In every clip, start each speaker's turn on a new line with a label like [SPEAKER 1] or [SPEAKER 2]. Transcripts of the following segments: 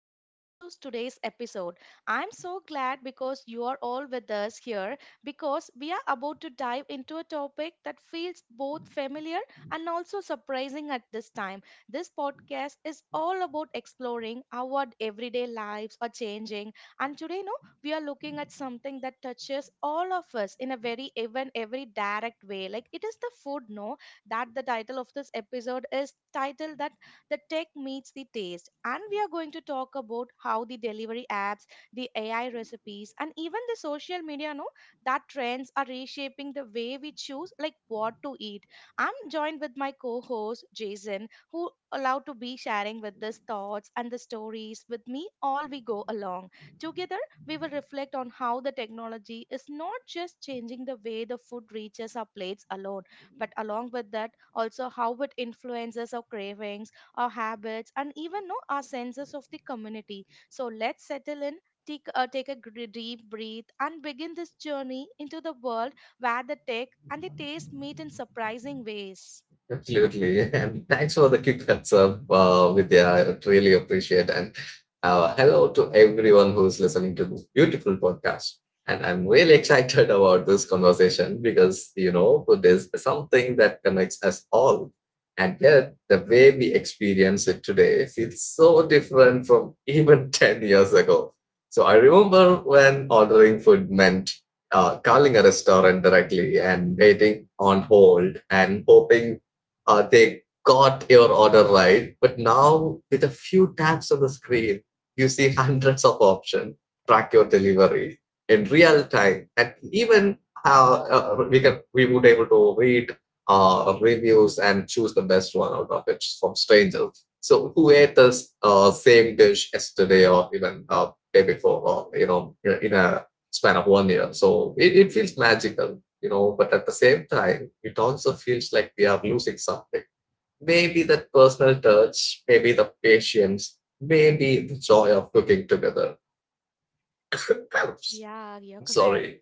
[SPEAKER 1] and welcome to today's episode. I'm so glad because you are all with us here because we are about to dive into a topic that feels both familiar and also surprising at this time. This podcast is all about exploring how our everyday lives are changing and today no we are looking at something that touches all of us in a very even every direct way. Like it is the food no that the title of this episode is titled that the tech meets the taste. And we are going to talk about how the delivery apps, the AI recipes, and even the social media know that trends are reshaping the way we choose like what to eat. I'm joined with my co-host Jason, who allowed to be sharing with these thoughts and the stories with me all we go along. Together, we will reflect on how the technology is not just changing the way the food reaches our plates alone, but along with that, also how it influences our cravings, our habits, and even know our senses of the community. So let's settle in, take a deep breath, and begin this journey into the world where the tech and the taste meet in surprising ways.
[SPEAKER 2] Absolutely. And thanks for the quick heads up, Vidya. I really appreciate. And hello to everyone who's listening to this beautiful podcast. And I'm really excited about this conversation because, you know, there's something that connects us all. And yet, the way we experience it today feels so different from even 10 years ago. So I remember when ordering food meant calling a restaurant directly and waiting on hold and hoping they got your order right. But now, with a few taps on the screen, you see hundreds of options, track your delivery in real time, and even how we would able to read reviews and choose the best one out of it from strangers. So who ate this same dish yesterday or even day before, or you know, in a span of 1 year? So it feels magical, you know, but at the same time it also feels like we are losing something. Maybe that personal touch, maybe the patience, maybe the joy of cooking together.
[SPEAKER 1] Yeah, you're correct.
[SPEAKER 2] Sorry.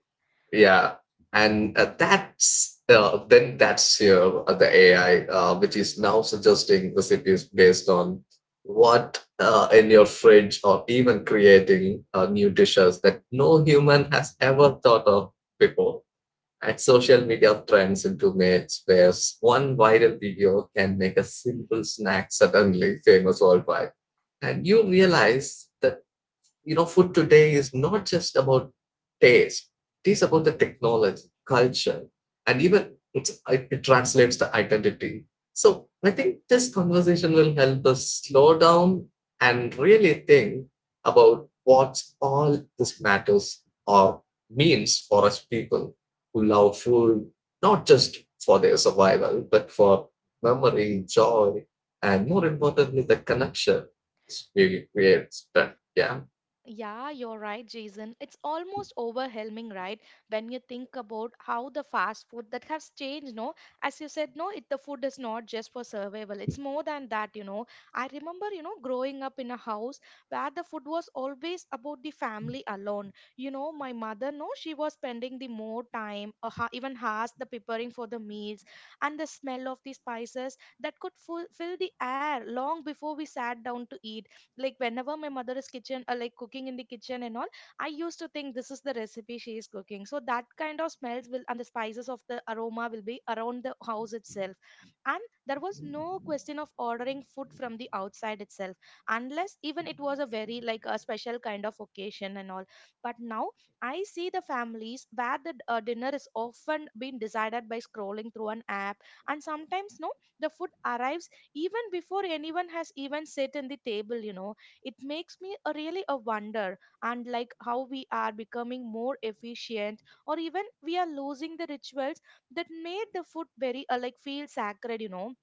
[SPEAKER 2] Yeah. And that's your the AI, which is now suggesting recipes based on what in your fridge, or even creating new dishes that no human has ever thought of before, and social media trends into myths where one viral video can make a simple snack suddenly famous worldwide. And you realize, the you know, food today is not just about taste. It is about the technology, culture, and even it translates to identity. So I think this conversation will help us slow down and really think about what all this matters or means for us people who love food, not just for their survival, but for memory, joy, and more importantly, the connection we create. But yeah.
[SPEAKER 1] Yeah, you're right, Jason. It's almost overwhelming, right? When you think about how the fast food that has changed, no? As you said, no, it the food is not just for survival. It's more than that, you know. I remember, you know, growing up in a house where the food was always about the family alone. You know, my mother, no, she was spending the more time, or even hours, the preparing for the meals, and the smell of the spices that could fill the air long before we sat down to eat like whenever my mother is kitchen like cooking in the kitchen and all. I used to think this is the recipe she is cooking so that kind of smells will and the spices of the aroma will be around the house itself. And there was no question of ordering food from the outside itself, unless even it was a very like a special kind of occasion and all. But now I see the families where the dinner is often being decided by scrolling through an app, and sometimes no the food arrives even before anyone has even sit in the table, you know. It makes me a really a wonder and like how we are becoming more efficient, or even we are losing the rituals that made the food very like feel sacred, you know.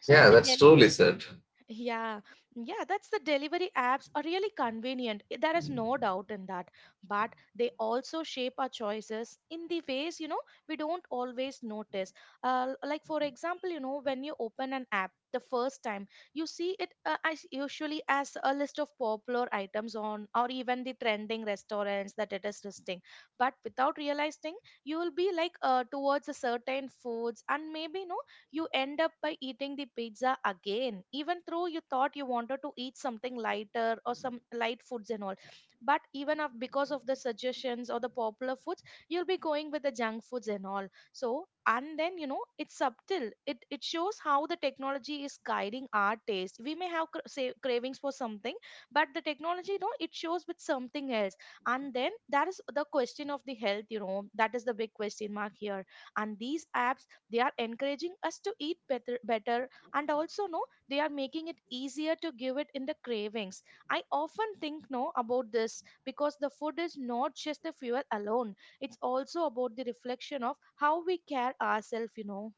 [SPEAKER 1] So
[SPEAKER 2] Yeah,
[SPEAKER 1] the
[SPEAKER 2] that's truly said.
[SPEAKER 1] yeah, yeah, that's the delivery apps are really convenient. There is no doubt in that. But they also shape our choices in the ways, you know, we don't always notice. Like, for example, you know, when you open an app the first time, you see it as usually as a list of popular items on, or even the trending restaurants that it is listing. But without realizing, you will be like towards a certain foods and maybe, no you end up by eating the pizza again, even though you thought you wanted to eat something lighter or some light foods and all. But even of, because of the suggestions or the popular foods, you'll be going with the junk foods and all. So and then you know it's subtle, it shows how the technology is guiding our taste. We may have say cravings for something but the technology, you know, it shows with something else. And then that is the question of the health, you know, that is the big question mark here. And these apps, they are encouraging us to eat better better and also no they are making it easier to give it in the cravings. I often think no about this because the food is not just the fuel alone, it's also about the reflection of how we care ourselves, you know.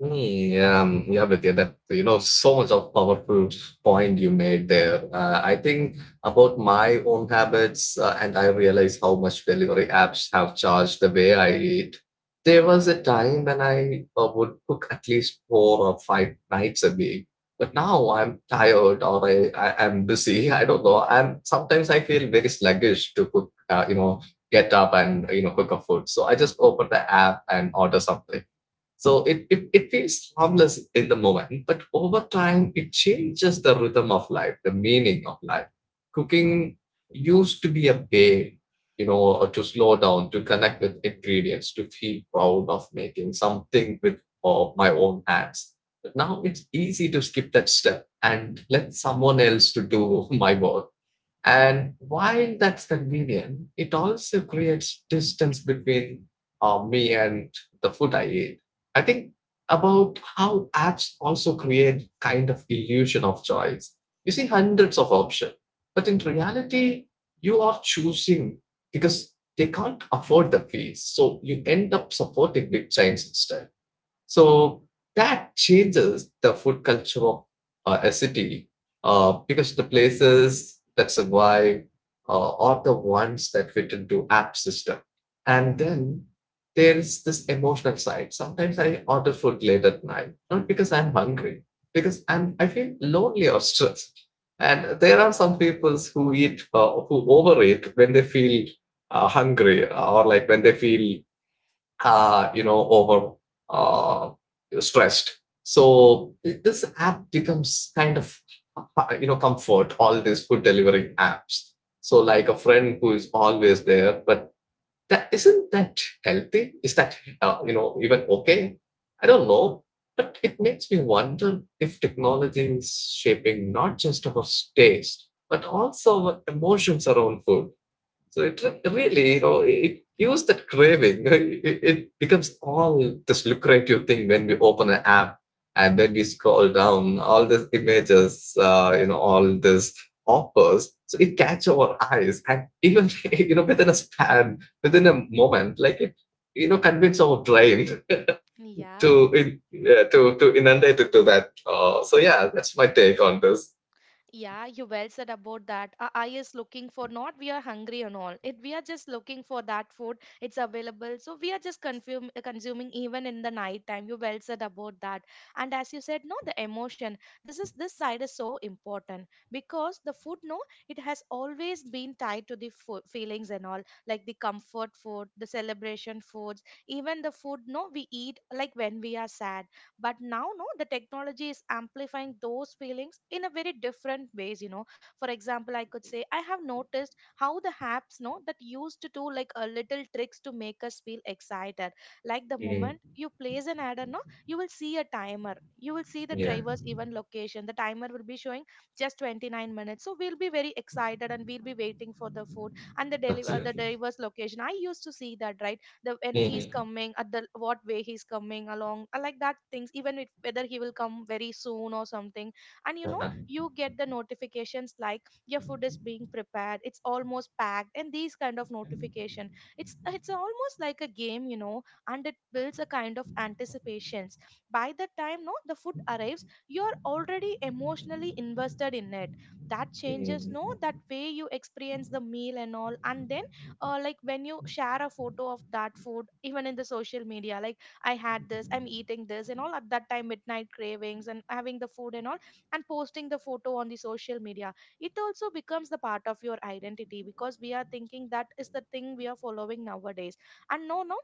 [SPEAKER 2] Yeah, Vidya, that you know, so much of powerful point you made there. I think about my own habits, and I realize how much delivery apps have changed the way I eat. There was a time when I would cook at least 4 or 5 nights a week, but now I'm tired, or I'm busy. I don't know. I'm sometimes I feel very sluggish to cook. You know, get up and, you know, cook a food. So I just open the app and order something. So it is harmless in the moment, but over time it changes the rhythm of life, the meaning of life. Cooking used to be a way, you know, to slow down, to connect with ingredients, to feel proud of making something with my own hands. But now it's easy to skip that step and let someone else to do my work. And while that's convenient, it also creates distance between me and the food I eat. I think about how apps also create kind of illusion of choice. You see hundreds of options, but in reality, you are choosing because they can't afford the fees. So you end up supporting big chains instead. So that changes the food culture of a city, because the places that survive are the ones that fit into app system. And then there's this emotional side. Sometimes I order food late at night, not because I'm hungry, because I feel lonely or stressed. And there are some people who eat who overeat when they feel hungry, or like when they feel you know, over uh, stressed. So this app becomes kind of you know, comfort, all these food delivery apps. So like a friend who is always there, but that isn't that healthy. Is that you know, even okay? I don't know. But it makes me wonder if technology is shaping not just our taste but also our emotions around food. So it really, you know, it
[SPEAKER 1] Mhm.
[SPEAKER 2] use that craving. It becomes all this lucrative thing when we open an app and then we scroll down all these images, you know, all these offers. So it catches our eyes, and even, you know, within a span, within a moment, like it, you know, convince our brain
[SPEAKER 1] Yeah.
[SPEAKER 2] to in, yeah, to inundate it to that. So yeah, that's my take on this.
[SPEAKER 1] Yeah, you well said about that. Our eye is looking for not we are hungry and all. It we are just looking for that food. It's available, so we are just consuming even in the night time. You well said about that. And as you said, no, the emotion. This is this side is so important because the food, no, it has always been tied to the feelings and all, like the comfort food, the celebration foods, even the food, no, we eat like when we are sad. But now no the technology is amplifying those feelings in a very different ways, you know. For example, I could say I have noticed how the apps no, that used to do like a little tricks to make us feel excited, like the
[SPEAKER 2] Mm,
[SPEAKER 1] moment you place an ad no you will see a timer, you will see the
[SPEAKER 2] yeah,
[SPEAKER 1] driver's even location, the timer will be showing just 29 minutes so we'll be very excited and we'll be waiting for the food. And the deliver the
[SPEAKER 2] absolutely.
[SPEAKER 1] driver's location I used to see that, right? The when he's
[SPEAKER 2] Mhm.
[SPEAKER 1] coming at the what way he's coming along, I like that things even if whether he will come very soon or something. And you know you get the notifications like your food is being prepared, it's almost packed, and these kind of notification, it's almost like a game, you know. And it builds a kind of anticipations. By the time no the food arrives you're already emotionally invested in it. That changes no that
[SPEAKER 2] Mhm.
[SPEAKER 1] way you experience the meal and all. And then like when you share a photo of that food even in the social media, like I had this I'm eating this and all at that time midnight cravings and having the food and all, and posting the photo on the social media, it also becomes the part of your identity because we are thinking that is the thing we are following nowadays. And no no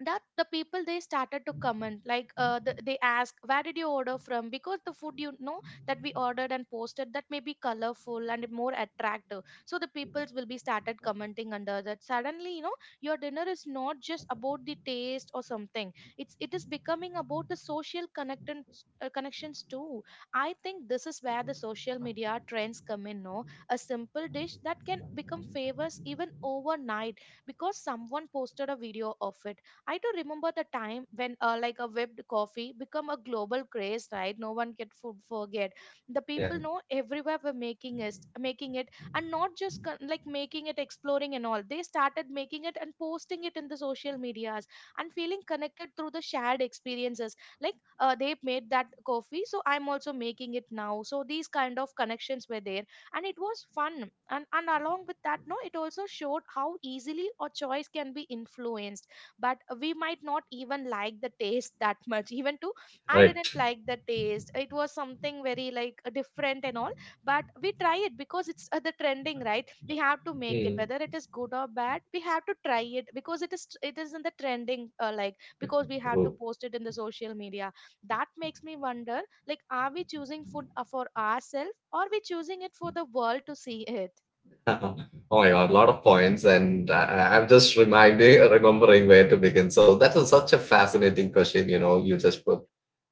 [SPEAKER 1] that the people they started to comment like they ask where did you order from, because the food you know that we ordered and posted that may be colorful and more attractive, so the peoples will be started commenting under that suddenly. You know your dinner is not just about the taste or something, it is becoming about the social connections too. I think this is where the social media trends come in no, a simple dish that can become famous even overnight because someone posted a video of it. I do remember the time when, like, a whipped coffee become a global craze, right? No one can forget. The people
[SPEAKER 2] Yeah.
[SPEAKER 1] know everywhere were making it, and not just like making it, exploring and all. They started making it and posting it in the social medias and feeling connected through the shared experiences. Like, they made that coffee, so I'm also making it now. So these kind of connections were there, and it was fun. and along with that, no, it also showed how easily a choice can be influenced, but we might not even like the taste that much even too. I didn't
[SPEAKER 2] Right.
[SPEAKER 1] like the taste, it was something very like different and all. But we try it because it's the trending right, we have to make it
[SPEAKER 2] Mm.
[SPEAKER 1] whether it is good or bad, we have to try it because it is in the trending like, because we have to
[SPEAKER 2] Oh.
[SPEAKER 1] post it in the social media. That makes me wonder, like are we choosing food for ourselves, or we choosing it for the world to see it?
[SPEAKER 2] Oh my god, a lot of points, and I'm just remembering where to begin. So that is such a fascinating question, you know, you just put,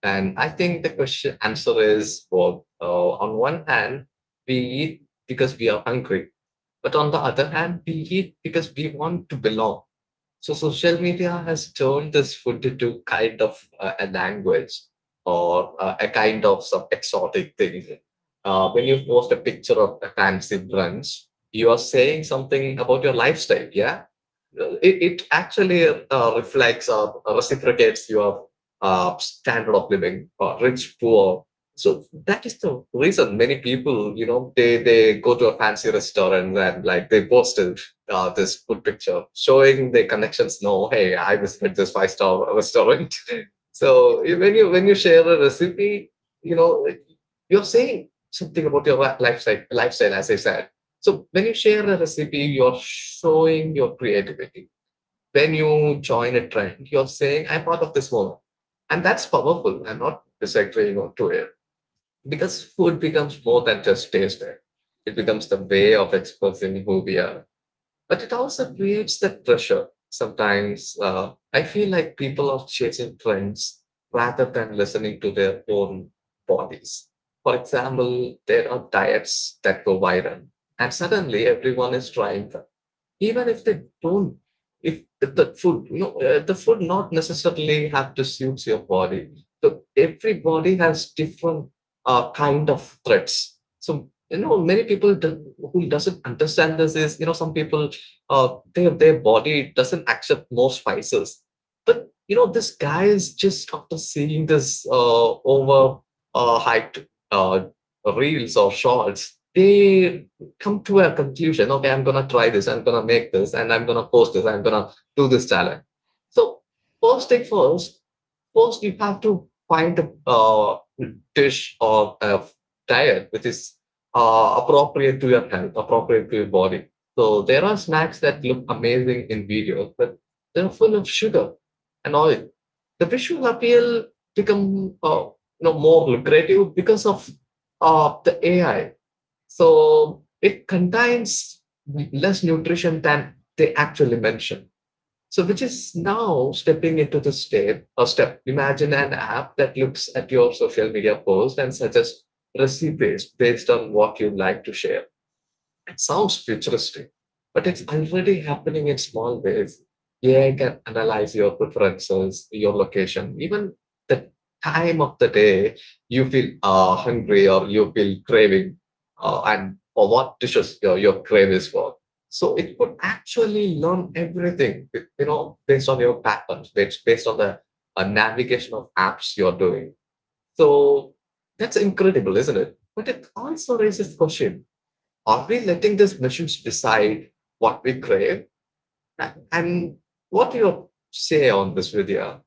[SPEAKER 2] and I think the question answer is both. On one hand, we eat because we are hungry, but on the other hand, we eat because we want to belong. So social media has turned this food into kind of a language, or a kind of some exotic thing. When you post a picture of a fancy brunch, you are saying something about your lifestyle, yeah? It actually reflects or reciprocates your standard of living, rich, poor. So that is the reason many people, you know, they go to a fancy restaurant and like they posted this food picture showing their connections, know, hey, I visited this five-star restaurant. So when you share a recipe, you know, you're saying something about your lifestyle, lifestyle, as I said. So when you share a recipe, you're showing your creativity. When you join a trend, you're saying, I'm part of this moment. And that's powerful. I'm not disagreeing or to it. Because food becomes more than just taste. It
[SPEAKER 1] Yeah.
[SPEAKER 2] becomes the way of expressing who we are. But it also creates that pressure. Sometimes I feel like people are chasing trends rather than listening to their own bodies. For example, there are diets that go viral and suddenly everyone is trying, even if they don't, if the, food, you know, the food not necessarily have to suit your body. So everybody has different kind of threats. So you know, many people do, who doesn't understand this, is, you know, some people, their body doesn't accept more spices. But you know, this guy is just, after seeing this over hyped reels or shorts, they come to a conclusion, okay, I'm gonna try this, I'm gonna make this, and I'm gonna post this, I'm gonna do this challenge. So first thing first, first you have to find a dish or a diet which is appropriate to your health, appropriate to your body. So there are snacks that look amazing in videos, but they're full of sugar and oil. The visual appeal become you know, more lucrative because of the AI. So it contains less nutrition than they actually mention. So which is now stepping into the step or step. Imagine an app that looks at your social media post and suggests recipes based on what you like to share. Sounds futuristic, but it's already happening in small ways. AI can analyze your preferences, your location, even the time of the day you feel hungry or you feel craving, and for what dishes your crave is for. So it could actually learn everything, you know, based on your patterns, based on the navigation of apps you're doing. So that's incredible, isn't it? But it also raises questions, are we letting these machines decide what we crave? And what do you say on this, Vidya?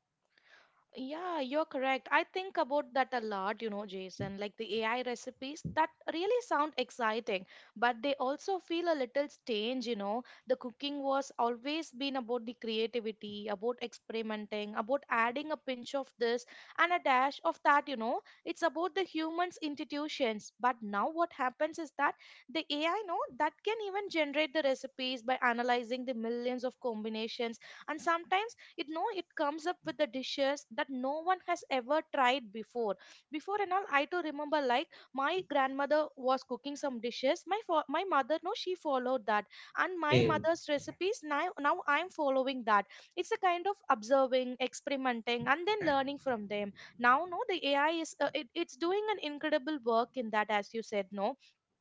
[SPEAKER 1] Yeah, you're correct. I think about that a lot, you know, Jason, like the AI recipes that really sound exciting, but they also feel a little strange, you know. The cooking was always been about the creativity, about experimenting, about adding a pinch of this and a dash of that, you know. It's about the human's institutions. But now what happens is that the AI, no, that can even generate the recipes by analyzing the millions of combinations, and sometimes it comes up with the dishes that no one has ever tried before and all. I too remember, like, my grandmother was cooking some dishes, my mother, no, she followed that, and my
[SPEAKER 2] Mm.
[SPEAKER 1] mother's recipes. Now I'm following that. It's a kind of observing, experimenting, and then learning from them. Now, no, the AI is it's doing an incredible work in that, as you said, no?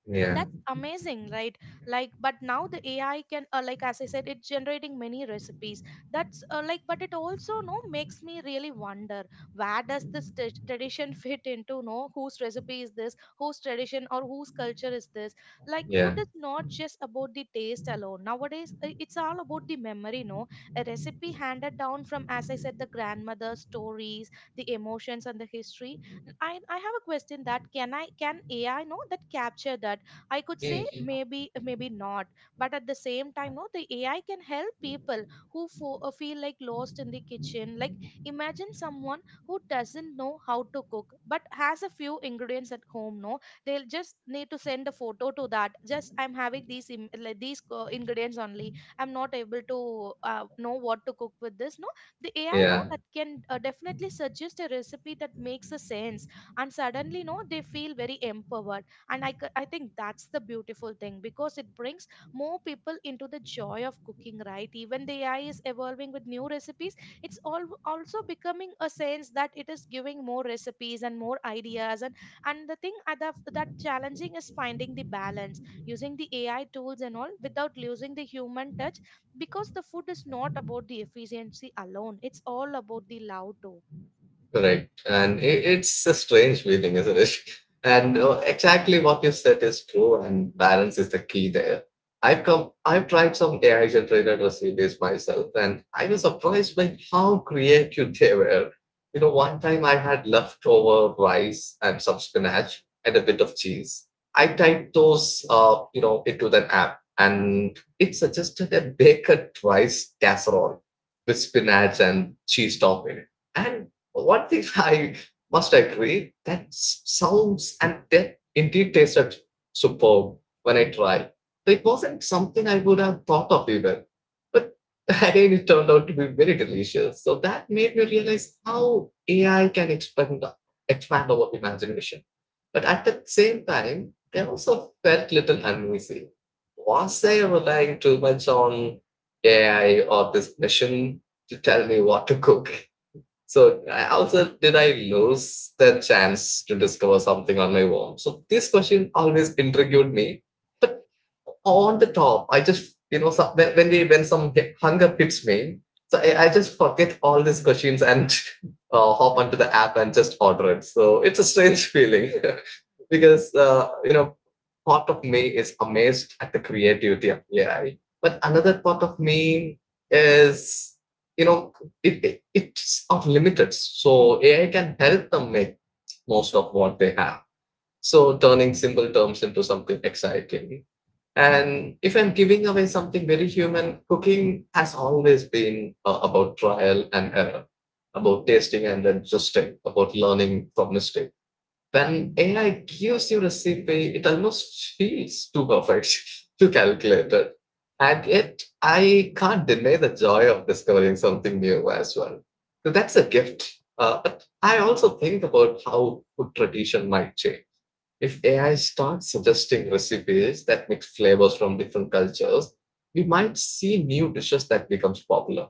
[SPEAKER 2] Yeah,
[SPEAKER 1] That's amazing, right? Like, but now the AI can, like, as I said, it's generating many recipes. That's Like, but it also, no, makes me really wonder, where does this tradition fit into, no? Whose recipe is this? Whose tradition or whose culture is this? Like, food
[SPEAKER 2] yeah.
[SPEAKER 1] is not just about the taste alone nowadays. It's all about the memory, no? A recipe handed down from, as I said, the grandmother, stories, the emotions, and the history. I have a question that can AI, know, that capture that? I could say,
[SPEAKER 2] Mm.
[SPEAKER 1] maybe, maybe not. But at the same time, no, the AI can help people who feel like lost in the kitchen. Like, imagine someone who doesn't know how to cook but has a few ingredients at home, no? They'll just need to send a photo to that, just, I'm having like these ingredients only. I'm not able to know what to cook with this, no? The AI, no,
[SPEAKER 2] Yeah.
[SPEAKER 1] that can definitely suggest a recipe that makes a sense. And suddenly, no, they feel very empowered. And I think that's the beautiful thing because it brings more people into the joy of cooking, right? Even the AI is evolving with new recipes. It's all also becoming a sense that it is giving more recipes and more ideas, and the thing at that challenging is finding the balance, using the AI tools and all without losing the human touch, because the food is not about the efficiency alone, it's all about the love too.
[SPEAKER 2] Right. And it, it's a strange feeling, isn't it? And exactly what you said is true, and balance is the key there. I've tried some AI generated recipes myself, and I was surprised by how creative they were. You know, one time I had leftover rice and some spinach and a bit of cheese. I typed those, you know, into the app, and it suggested a baked rice casserole with spinach and cheese topping. And well, one thing I must agree that sounds and that indeed tasted superb when I tried. So, it wasn't something I would have thought of even. But again, it turned out to be very delicious. So that made me realize how AI can expand our imagination. But at the same time, I also felt little uneasy. Was I relying too much on AI or this machine to tell me what to cook? So I also, did I lose the chance to discover something on my own? So this question always intrigued me. But on the top, I just, you know, some, when, we, when hunger hits me, so I just forget all these questions and hop onto the app and just order it. So it's a strange feeling. Because part of me is amazed at the creativity of AI, but another part of me is you know it's unlimited. So AI can help them make most of what they have. So turning simple terms into something exciting. And if I'm giving away something very human, cooking has always been about trial and error, about tasting and adjusting, about learning from mistakes, then AI gives you the CPA. It almost feels too perfect, too calculated, and yet, I can't deny the joy of discovering something new as well. So that's a gift. But I also think about how food tradition might change. If AI starts suggesting recipes that mix flavors from different cultures, we might see new dishes that becomes popular.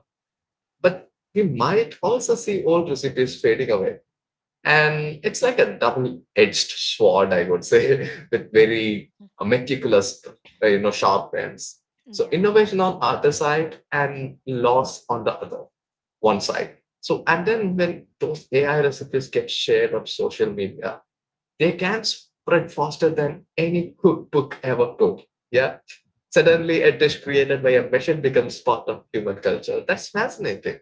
[SPEAKER 2] But we might also see old recipes fading away, and it's like a double-edged sword, I would say, with very meticulous, sharp ends. So
[SPEAKER 1] Yeah,
[SPEAKER 2] innovation on other side and loss on the other one side. So and then when those AI recipes get shared on social media, they can spread faster than any cookbook ever could. Yeah. Suddenly, a dish created by a machine becomes part of human culture. That's fascinating.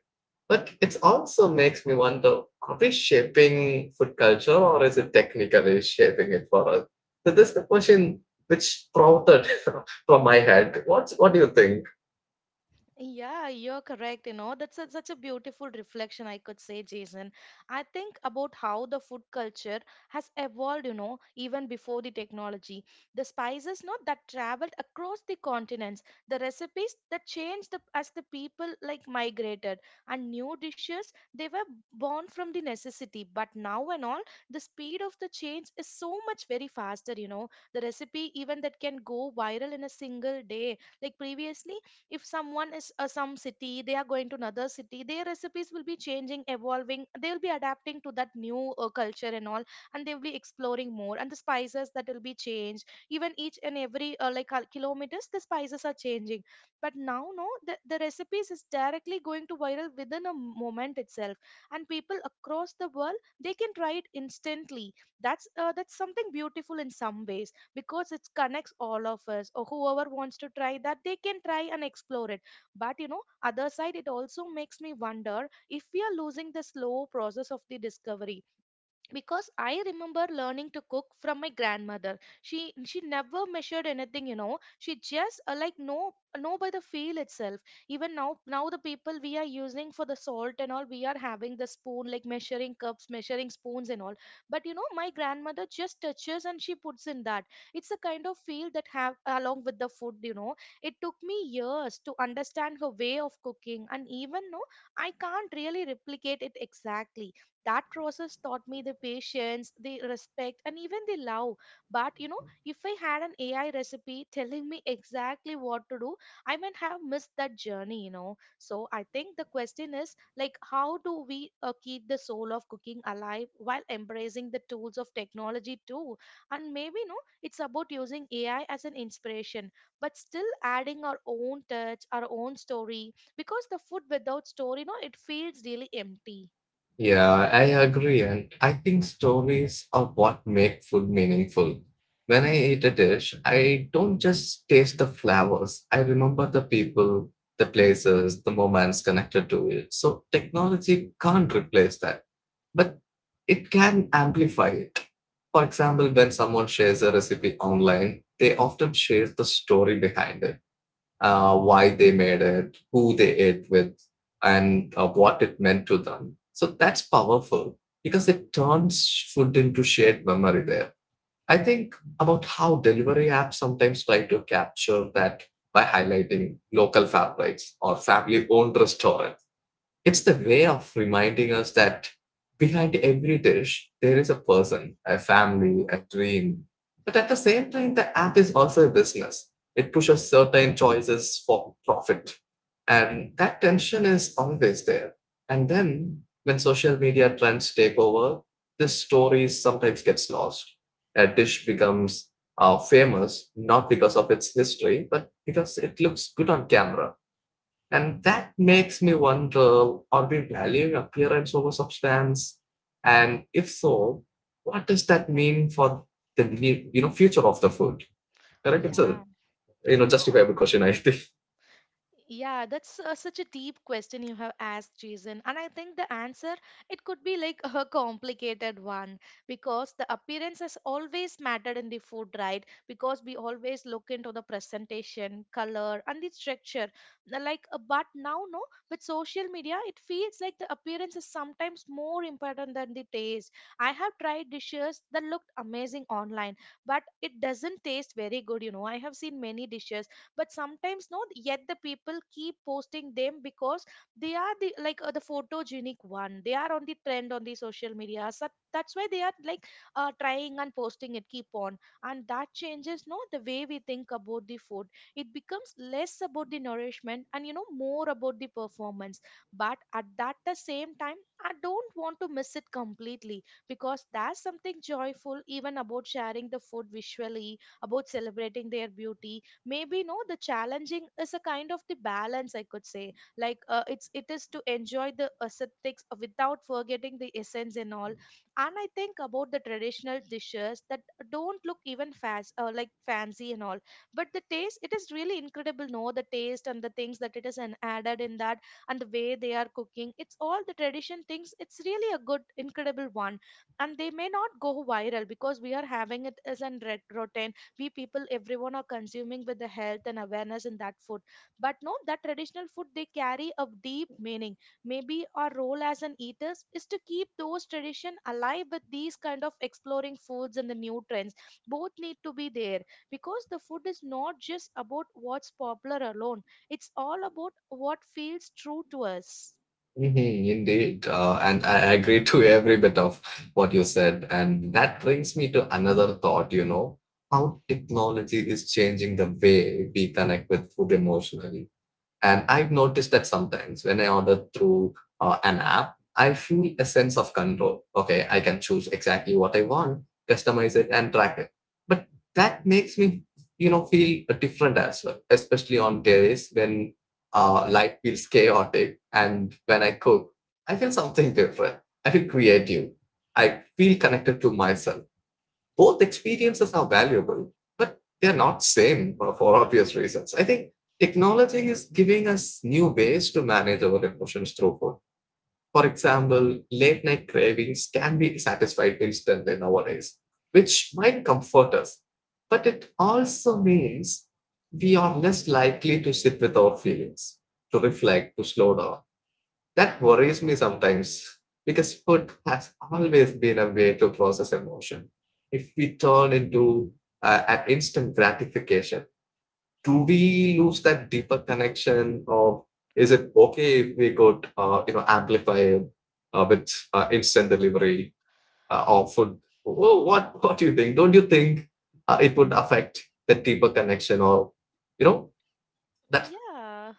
[SPEAKER 2] But it also makes me wonder, are we shaping food culture, or is it technically shaping it for us? So, this is the question which sprouted from my head. What do you think?
[SPEAKER 1] yeah, you're correct. You know, that's such a beautiful reflection, I could say, Jason. I think about how the food culture has evolved, you know, even before the technology. The spices, not that traveled across the continents, the recipes that changed as the people, like, migrated, and new dishes, they were born from the necessity. But now and all, the speed of the change is so much very faster, you know. The recipe, even that can go viral in a single day. Like, previously, if someone is, some city, they are going to another city, their recipes will be changing, evolving, they will be adapting to that new culture and all, and they will be exploring more, and the spices that will be changed, even each and every, kilometers, the spices are changing. But now, no, the recipes is directly going to viral within a moment itself, and people across the world they can try it instantly. That's something beautiful in some ways, because it connects all of us, or whoever wants to try that, they can try and explore it. But you know, other side, it also makes me wonder if we are losing the slow process of the discovery. Because I remember learning to cook from my grandmother. She never measured anything, you know. She just, know by the feel itself. Even now, the people, we are using for the salt and all, we are having the spoon, like measuring cups, measuring spoons and all. But you know, my grandmother just touches and she puts in that. It's a kind of feel that have along with the food, you know. It took me years to understand her way of cooking, and even no, I can't really replicate it exactly. That process taught me the patience, the respect, and even the love. But you know, if I had an AI recipe telling me exactly what to do, I might have missed that journey, you know. So I think the question is like, how do we keep the soul of cooking alive while embracing the tools of technology too? And maybe, no, it's about using AI as an inspiration, but still adding our own touch, our own story, because the food without story, no, it feels really empty.
[SPEAKER 2] Yeah, I agree. And I think stories are what make food meaningful. When I eat a dish, I don't just taste the flavors, I remember the people, the places, the moments connected to it. So technology can't replace that, but it can amplify it. For example, when someone shares a recipe online, they often share the story behind it, why they made it, who they ate with, and what it meant to them. So that's powerful because it turns food into shared memory there. I think about how delivery apps sometimes try to capture that by highlighting local favorites or family owned restaurants. It's the way of reminding us that behind every dish, there is a person, a family, a dream. But at the same time, the app is also a business. It pushes certain choices for profit. And that tension is always there. And then when social media trends take over, this story sometimes gets lost. A dish becomes famous not because of its history, but because it looks good on camera, and that makes me wonder, are we valuing appearance over substance? And if so, what does that mean for the future of the food? Correct? It's a
[SPEAKER 1] Yeah. Yeah,
[SPEAKER 2] justifiable question, I think.
[SPEAKER 1] yeah, that's such a deep question you have asked, Jason. And I think the answer, it could be like a complicated one, because the appearance has always mattered in the food, right? Because we always look into the presentation, color, and the structure. Now, like, but now, no, with social media, it feels like the appearance is sometimes more important than the taste. I have tried dishes that looked amazing online, but it doesn't taste very good. You know, I have seen many dishes, but sometimes no, yet the people keep posting them, because they are the, like, the photogenic one, they are on the trend on the social media. So that's why they are like, trying and posting it keep on, and that changes, no, the way we think about the food. It becomes less about the nourishment and, you know, more about the performance. But at that the same time, I don't want to miss it completely, because there's something joyful even about sharing the food visually, about celebrating their beauty. Maybe, no, the challenging is a kind of the balance, I could say. Like, it is to enjoy the aesthetics without forgetting the essence and all. And I think about the traditional dishes that don't look even fast, like, fancy and all, but the taste, it is really incredible, no, the taste and the things that it is an added in that, and the way they are cooking, it's all the tradition things, it's really a good incredible one. And they may not go viral because we are having it as an rotten. We people, everyone are consuming with the health and awareness in that food. But no, that traditional food, they carry a deep meaning. Maybe our role as an eaters is to keep those tradition alive with these kind of exploring foods and the new trends. Both need to be there, because the food is not just about what's popular alone, it's all about what feels true to us.
[SPEAKER 2] Mhm, indeed. And I agree to every bit of what you said. And that brings me to another thought, you know, how technology is changing the way we connect with food emotionally. And I've noticed that sometimes when I order through an app, I feel a sense of control. Okay, I can choose exactly what I want, customize it, and track it. But that makes me, you know, feel different as well, especially on days when life feels chaotic. And when I cook, I feel something different. I feel creative. I feel connected to myself. Both experiences are valuable, but they're not same for obvious reasons. I think technology is giving us new ways to manage our emotions through food. For example, late night cravings can be satisfied instantly nowadays, which might comfort us, but it also means we are less likely to sit with our feelings, to reflect, to slow down. That worries me sometimes because food has always been a way to process emotion. If we turn into an instant gratification, do we lose that deeper connection, or is it okay if we could, you know, amplify it, with instant delivery of food? What do you think? Don't you think it would affect the deeper connection, or you know, that?
[SPEAKER 1] Yeah,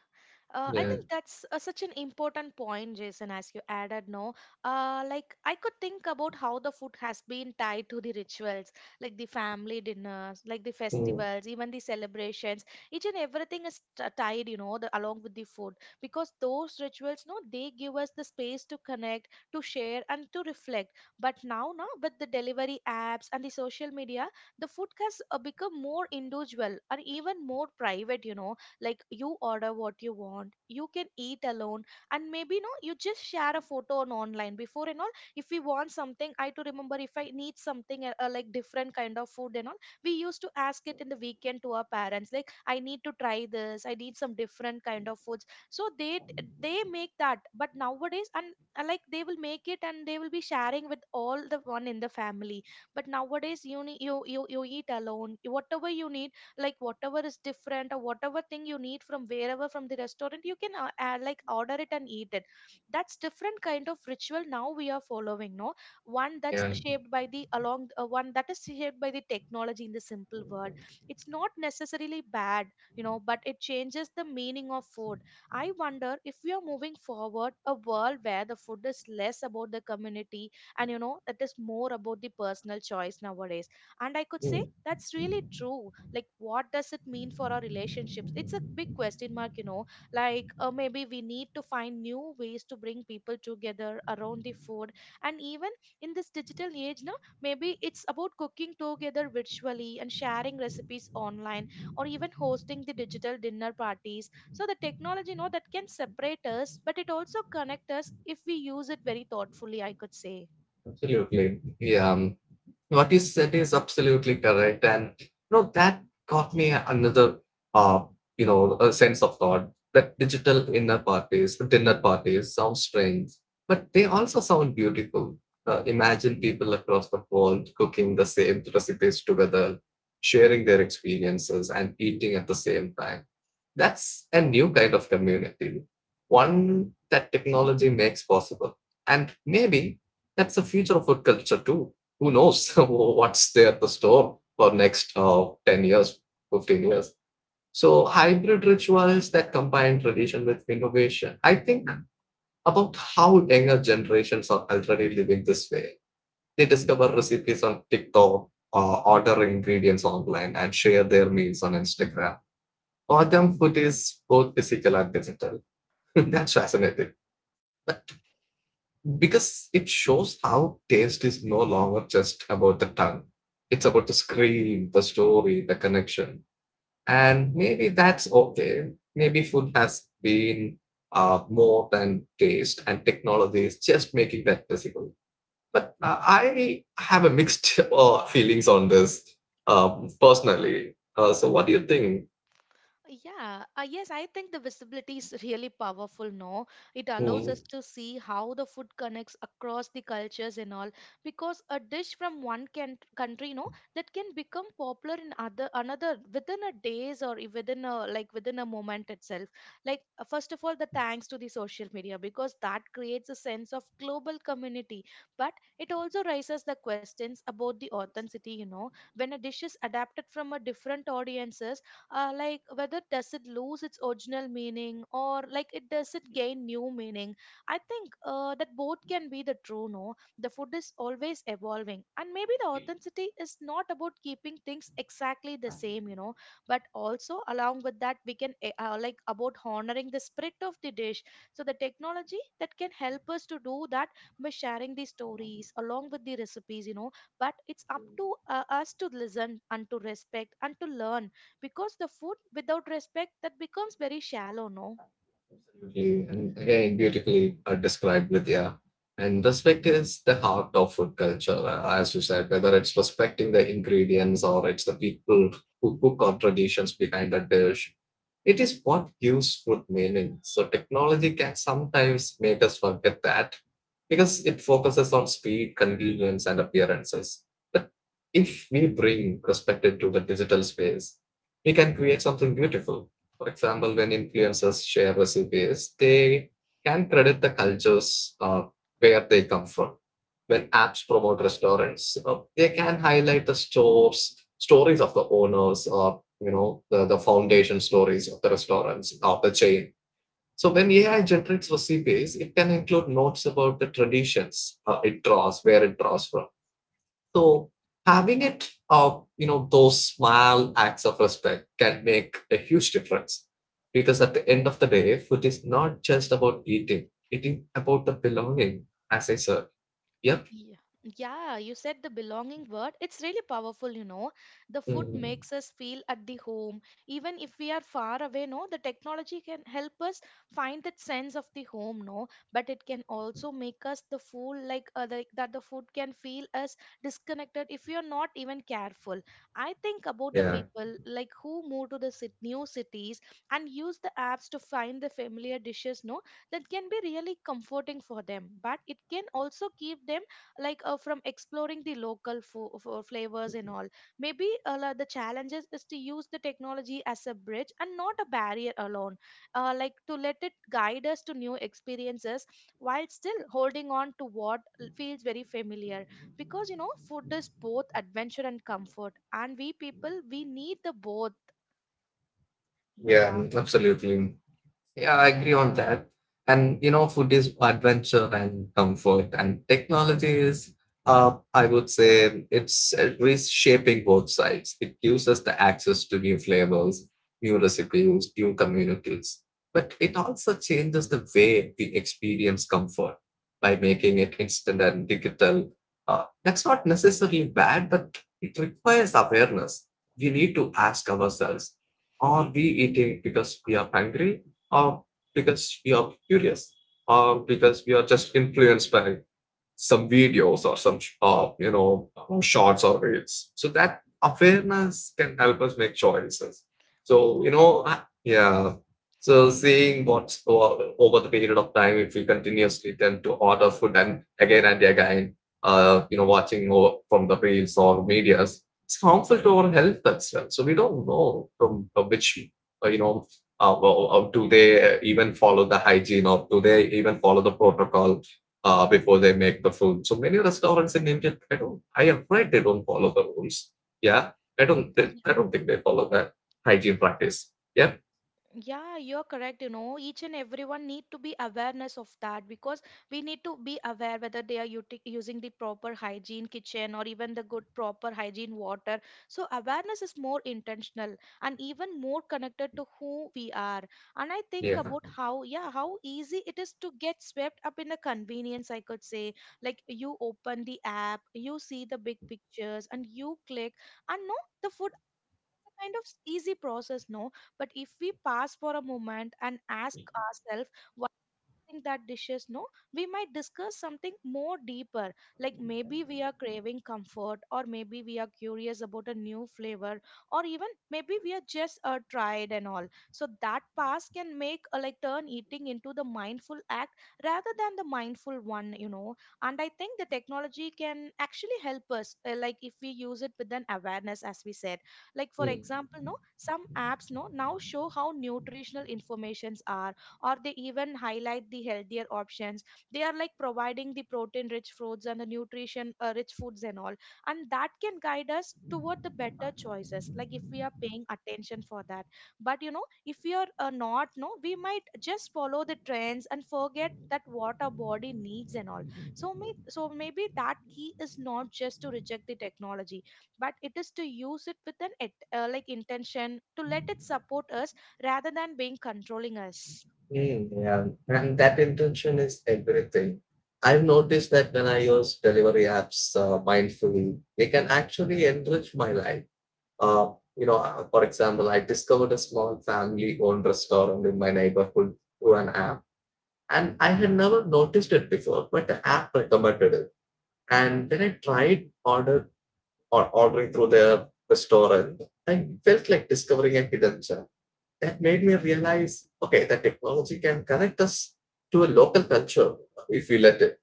[SPEAKER 1] I
[SPEAKER 2] Yeah,
[SPEAKER 1] think that's such an important point, Jason, as you added, no? I could think about how the food has been tied to the rituals, like the family dinners, like the
[SPEAKER 2] mm,
[SPEAKER 1] festivals, even the celebrations. Each and everything is tied, you know, along with the food, because those rituals, no, they give us the space to connect, to share, and to reflect. But now, no, with the delivery apps and the social media, the food has become more individual and even more private, you know. Like, you order what you want, you can eat alone, and maybe no, you just share a photo on online before and all. If we want something, I to remember, if I need something, like, different kind of food and all, we used to ask it in the weekend to our parents, like, I need to try this, I need some different kind of foods, so they make that. But nowadays, and like, they will make it and they will be sharing with all the one in the family. But nowadays, you need, you eat alone whatever you need, like whatever is different, or whatever thing you need from wherever, from the restaurant, you can, like, order it and eat it. That's different kind of ritual now we are following, no? One that's
[SPEAKER 2] yeah,
[SPEAKER 1] shaped by the along, one that is shaped by the technology in the simple world. It's not necessarily bad, you know, but it changes the meaning of food. I wonder if we are moving forward a world where the food is less about the community, and you know, that is more about the personal choice nowadays. And I could say
[SPEAKER 2] mm,
[SPEAKER 1] that's really true. Like, what does it mean for our relationships? It's a big question mark, you know. Like, maybe we need to find new ways to bring people together around the food. And even in this digital age now, maybe it's about cooking together virtually and sharing recipes online, or even hosting the digital dinner parties. So the technology, you know, that can separate us, but it also connect us if we use it very thoughtfully, I could say.
[SPEAKER 2] absolutely. Yeah. What you said is absolutely correct, and you know that got me another uh a sense of thought that digital inner parties sound strange, but they also sound beautiful. Imagine people across the world cooking the same recipes together, sharing their experiences and eating at the same time. That's a new kind of community, one that technology makes possible. And maybe that's the future of food culture too. Who knows what's there at the store for next 10 years, 15 years. So hybrid rituals that combine tradition with innovation. I think about how younger generations are already living this way. They discover recipes on TikTok, order ingredients online, and share their meals on Instagram. Autumn food is both physical and digital. That's fascinating. But because it shows how taste is no longer just about the tongue, it's about the screen, the story, the connection. And maybe that's okay. Maybe food has been more than taste, and technology is just making that physical. But I have a mixed feelings on this personally. So, what do you think?
[SPEAKER 1] Yeah, yes, I think the visibility is really powerful, no? It allows
[SPEAKER 2] Hmm.
[SPEAKER 1] us to see how the food connects across the cultures and all, because a dish from one can country, no, that can become popular in other another within a days, or within a, like, within a moment itself. Like first of all, the thanks to the social media because that creates a sense of global community, but it also raises the questions about the authenticity, when a dish is adapted from a different audiences, like whether does it lose its original meaning or like it does it gain new meaning. I think that both can be the true, no? The food is always evolving, and maybe the authenticity is not about keeping things exactly the same. But also along with that we can like about honoring the spirit of the dish. So the technology that can help us to do that by sharing the stories along with the recipes. But it's up to us to listen and to respect and to learn, because the food without respect that becomes very shallow, no?
[SPEAKER 2] Absolutely. And again, beautifully described, Vidya. And respect is the heart of food culture, as you said, whether it's respecting the ingredients or it's the people who cook or traditions behind the dish. It is what gives food meaning. So technology can sometimes make us forget that because it focuses on speed, convenience, and appearances. But if we bring perspective to the digital space, we can create something beautiful. For example, when influencers share recipes, they can credit the cultures where they come from. When apps promote restaurants, they can highlight the stories of the owners, or you know the foundation stories of the restaurants of the chain. So when AI generates recipes, it can include notes about the traditions where it draws from. So having it, you know, those small acts of respect can make a huge difference. Because at the end of the day, food is not just about eating; it is about the belonging, as I said. Yep.
[SPEAKER 1] Yeah, yeah, you said the belonging word. It's really powerful. The food
[SPEAKER 2] Mhm.
[SPEAKER 1] makes us feel at the home. Even if we are far away, no, the technology can help us find that sense of the home, no. But it can also make us the fool, like that the food can feel us disconnected if we are not even careful. I think about the
[SPEAKER 2] Yeah.
[SPEAKER 1] people like who move to the cit new cities and use the apps to find the familiar dishes, no, that can be really comforting for them. But it can also keep them like from exploring the local flavors and all. Maybe like, the challenges is to use the technology as a bridge and not a barrier alone, like to let it guide us to new experiences while still holding on to what feels very familiar, because food is both adventure and comfort and we people we need the both. Yeah,
[SPEAKER 2] Yeah, absolutely. Yeah, I agree on that. And you know, food is adventure and comfort, and technology is, I would say, it's reshaping both sides. It gives us the access to new flavors, new recipes, new communities. But it also changes the way we experience comfort by making it instant and digital. That's not necessarily bad, but it requires awareness. We need to ask ourselves, are we eating because we are hungry, or because we are curious, or because we are just influenced by some videos or some shots or reels. So that awareness can help us make choices. So you
[SPEAKER 1] yeah.
[SPEAKER 2] know, yeah. So seeing what over the period of time, if we continuously tend to order food and again, you know, watching from the reels or medias, it's harmful to our health as well. So we don't know from which uh, you know. Well, do they even follow the hygiene, or do they even follow the protocol before they make the food. So many restaurants in India, I am afraid they don't follow the rules. Yeah, I don't think they follow that hygiene practice. Yep.
[SPEAKER 1] Yeah, you're correct. You know, each and everyone need to be awareness of that because we need to be aware whether they are using the proper hygiene kitchen or even the good proper hygiene water. So awareness is more intentional and even more connected to who we are. And I think
[SPEAKER 2] Yeah.
[SPEAKER 1] about how, yeah, how easy it is to get swept up in a convenience. I could say like you open the app, you see the big pictures, and you click, and no, the food, it's a kind of easy process, no? But if we pause for a moment and ask ourselves, think that dishes, no, we might discuss something more deeper, like maybe we are craving comfort or maybe we are curious about a new flavor or even maybe we are just tried and all. So that past can make like turn eating into the mindful act rather than the mindful one. And I think the technology can actually help us, like if we use it with an awareness as we said. Like for
[SPEAKER 2] Mm,
[SPEAKER 1] example, no, some apps, no, now show how nutritional informations are, or they even highlight the healthier options. They are like providing the protein rich foods and the nutrition rich foods and all, and that can guide us toward the better choices, like if we are paying attention for that. But if we are not, no, we might just follow the trends and forget that what our body needs and all. So so maybe that key is not just to reject the technology, but it is to use it with an like intention, to let it support us rather than being controlling us.
[SPEAKER 2] mm, yeah, and that intention is everything. I've noticed that when I use delivery apps mindfully, they can actually enrich my life. For example, I discovered a small family-owned restaurant in my neighborhood through an app, and I had never noticed it before, but the app recommended it. And then I tried order or ordering through their restaurant. I felt like discovering a hidden gem. That made me realize, okay, that technology can connect us to a local culture if we let it.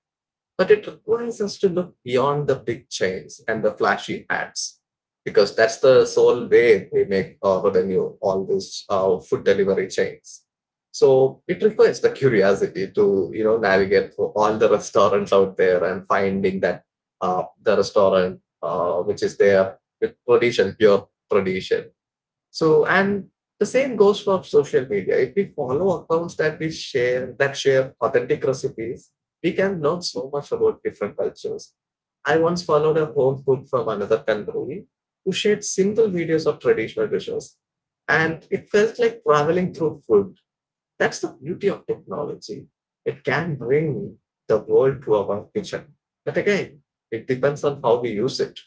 [SPEAKER 2] But it requires us to look beyond the big chains and the flashy ads, because that's the sole way we make our revenue, all these food delivery chains. So it requires the curiosity to you know navigate through all the restaurants out there and finding that the restaurant which is there with tradition, pure tradition, so, and the same goes for social media. If we follow accounts that we share that share authentic recipes, we can learn so much about different cultures. I once followed a home cook from another country who shared simple videos of traditional dishes, and it felt like traveling through food. That's the beauty of technology. It can bring the world to our kitchen. But again, it depends on how we use it.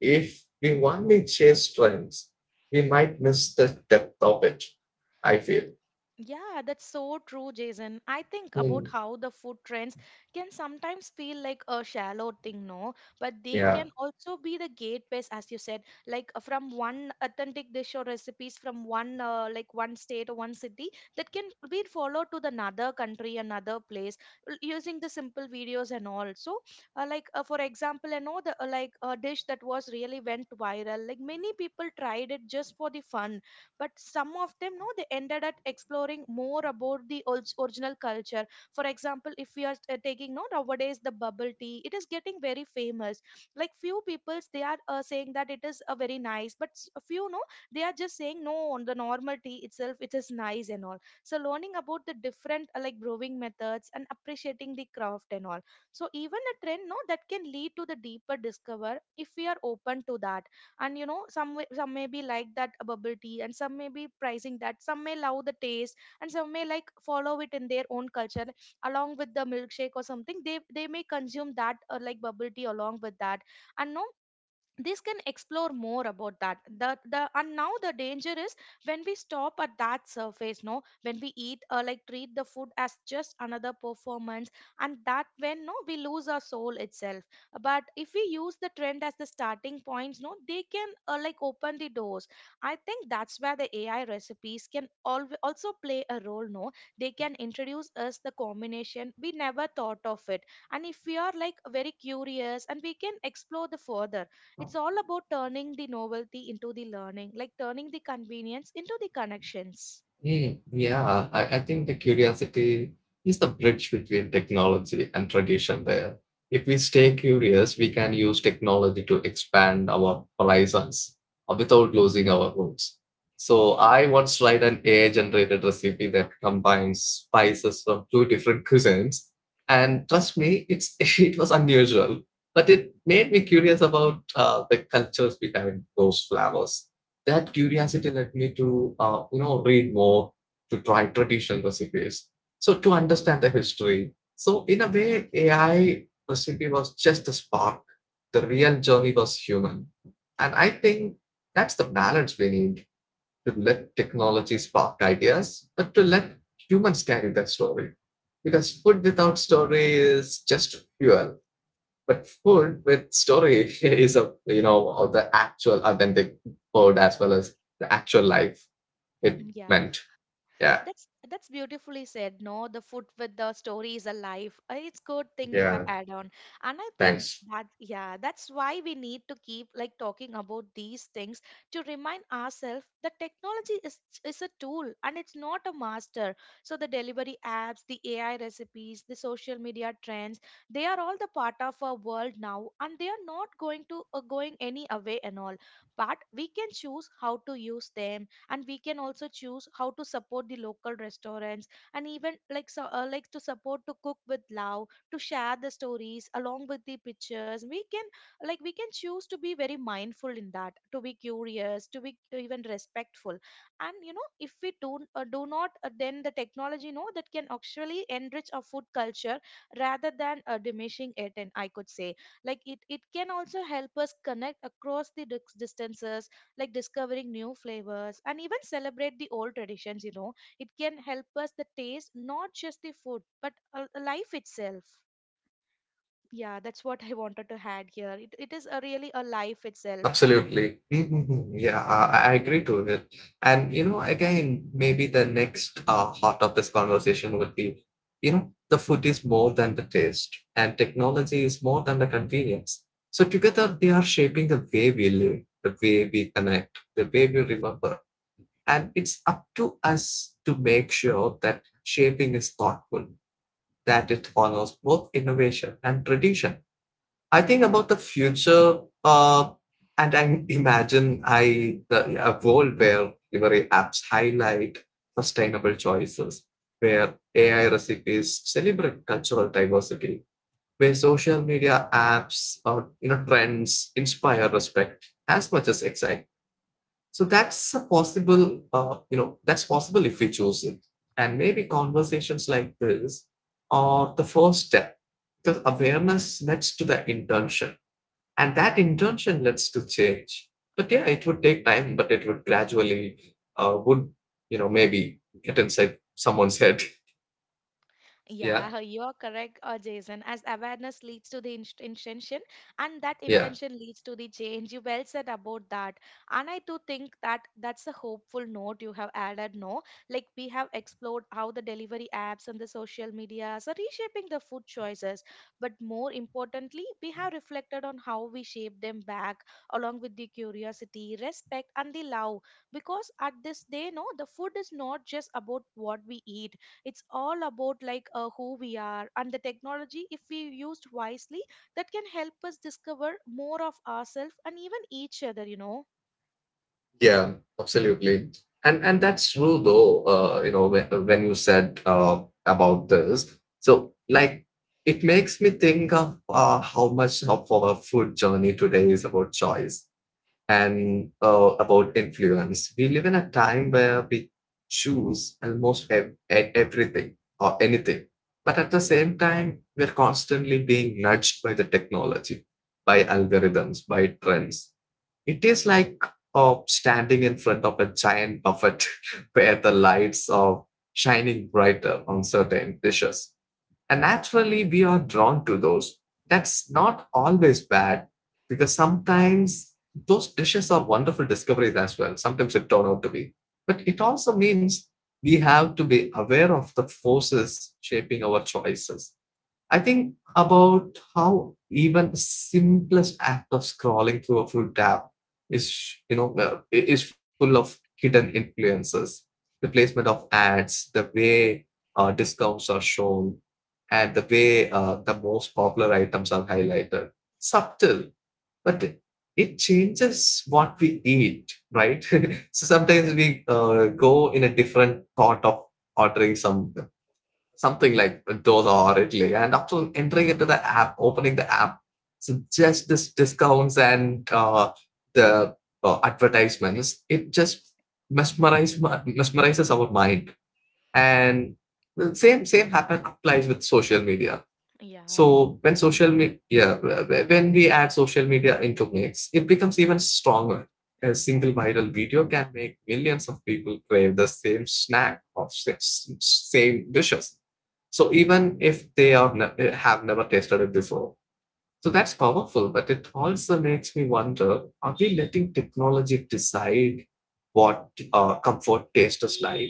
[SPEAKER 2] If we only chase trends, we might miss the depth of it, I feel.
[SPEAKER 1] Yeah, that's so true, Jason. I think about
[SPEAKER 2] Hmm.
[SPEAKER 1] how the food trends can sometimes feel like a shallow thing, no? But they
[SPEAKER 2] Yeah.
[SPEAKER 1] can also be the gateways, as you said, like from one authentic dish or recipes from one, like one state or one city, that can be followed to the another country, another place, using the simple videos and all. So, like for example, I know the like a dish that was really went viral. Like many people tried it just for the fun, but some of them, no, they ended at exploring more about the original culture. For example, if we are taking, no, nowadays the bubble tea, it is getting very famous. Like few peoples, they are saying that it is a very nice, but a few, no, they are just saying no on the normal tea itself, it is nice and all. So learning about the different like brewing methods and appreciating the craft and all. So even a trend, no, that can lead to the deeper discover if we are open to that. And some some may be like that, bubble tea, and some may be pricing that, some may love the taste, and some may like follow it in their own culture along with the milkshake or something. They may consume that, or like bubble tea along with that. And no, this can explore more about that, the and now the danger is when we stop at that surface, no, when we eat, like treat the food as just another performance, and that when, no, we lose our soul itself. But if we use the trend as the starting points, no, they can like open the doors. I think that's where the AI recipes can also play a role, no, they can introduce us the combination we never thought of it. And if we are like very curious, and we can explore the further. It's all about turning the novelty into the learning, like turning the convenience into the connections.
[SPEAKER 2] Mm, yeah, I think the curiosity is the bridge between technology and tradition there. If we stay curious, we can use technology to expand our horizons without losing our roots. So I once tried an AI-generated recipe that combines spices from two different cuisines, and trust me, it's it was unusual, but it made me curious about the cultures behind those flavors. That curiosity led me to read more, to try traditional recipes, so to understand the history. So in a way, AI recipe was just a spark. The real journey was human. And I think that's the balance we need: to let technology spark ideas, but to let humans carry that story. Because food without story is just fuel, but food with story is a, of the actual authentic food as well as the actual life it
[SPEAKER 1] Yeah.
[SPEAKER 2] meant. Yeah.
[SPEAKER 1] That's beautifully said. No, the food with the story is alive. It's good thing you have
[SPEAKER 2] Yeah.
[SPEAKER 1] add on, and I think
[SPEAKER 2] Thanks.
[SPEAKER 1] that, yeah, that's why we need to keep like talking about these things to remind ourselves that technology is a tool and it's not a master. So the delivery apps, the AI recipes, the social media trends, they are all the part of our world now, and they and we can also choose how to support the local restaurants, and even like so, like to support to cook with love, to share the stories along with the pictures we can, like we can choose to be very mindful in that, to be curious, to be even respectful. And you know, if we do do not, then the technology, no, that can actually enrich our food culture rather than diminishing it. And I could say, like, it can also help us connect across the distances, like discovering new flavors and even celebrate the old traditions. It can help us the taste, not just the food, but life itself. Yeah, that's what I wanted to add here. It is a really a life itself.
[SPEAKER 2] Absolutely. Mhm. Yeah, I agree to it. And you know, again, maybe the next heart of this conversation would be, you know, the food is more than the taste, and technology is more than the convenience. So together, they are shaping the way we live, the way we connect, the way we remember. And it's up to us to make sure that shaping is thoughtful, that it honors both innovation and tradition. I think about the future, and I imagine a world where delivery apps highlight sustainable choices, where AI recipes celebrate cultural diversity, where social media apps or trends inspire respect as much as excitement. So that's a possible, that's possible if we choose it. And maybe conversations like this are the first step, because awareness leads to the intention and that intention leads to change. But yeah, it would take time, but it would gradually, uh, would, you know, maybe get inside someone's head. Yeah.
[SPEAKER 1] Yeah, you're correct, Jason. As awareness leads to the intention, and that
[SPEAKER 2] Yeah.
[SPEAKER 1] intention leads to the change. You well said about that, and I do think that that's a hopeful note you have added. No, like we have explored how the delivery apps and the social medias are reshaping the food choices, but more importantly, we have reflected on how we shape them back, along with the curiosity, respect, and the love. Because at this day, no, the food is not just about what we eat, it's all about like who we are. And the technology, if we used wisely, that can help us discover more of ourselves and even each other.
[SPEAKER 2] Yeah, absolutely. And that's true though, when you said about this. So like it makes me think of how much of our food journey today is about choice and about influence. We live in a time where we choose almost everything or anything. But at the same time, we're constantly being nudged by the technology, by algorithms, by trends. It is like standing in front of a giant buffet where the lights are shining brighter on certain dishes. And naturally, we are drawn to those. That's not always bad, because sometimes those dishes are wonderful discoveries as well. Sometimes it turn out to be. But it also means we have to be aware of the forces shaping our choices. I think about how even simplest act of scrolling through a full tab is, is full of hidden influences. The placement of ads, the way discounts are shown, and the way the most popular items are highlighted. Subtle, but it changes what we eat, right? So sometimes we go in a different thought of ordering something like those already. And after entering into the app, opening the app, so just this discounts and the advertisements, it just mesmerizes mesmerizes our mind. And the same same happen applies with social media.
[SPEAKER 1] Yeah.
[SPEAKER 2] So when social media, yeah, when we add social media into mix, it becomes even stronger. A single viral video can make millions of people crave the same snack or same dishes. So even if they are have never tasted it before, so that's powerful. But it also makes me wonder: are we letting technology decide what comfort tastes like?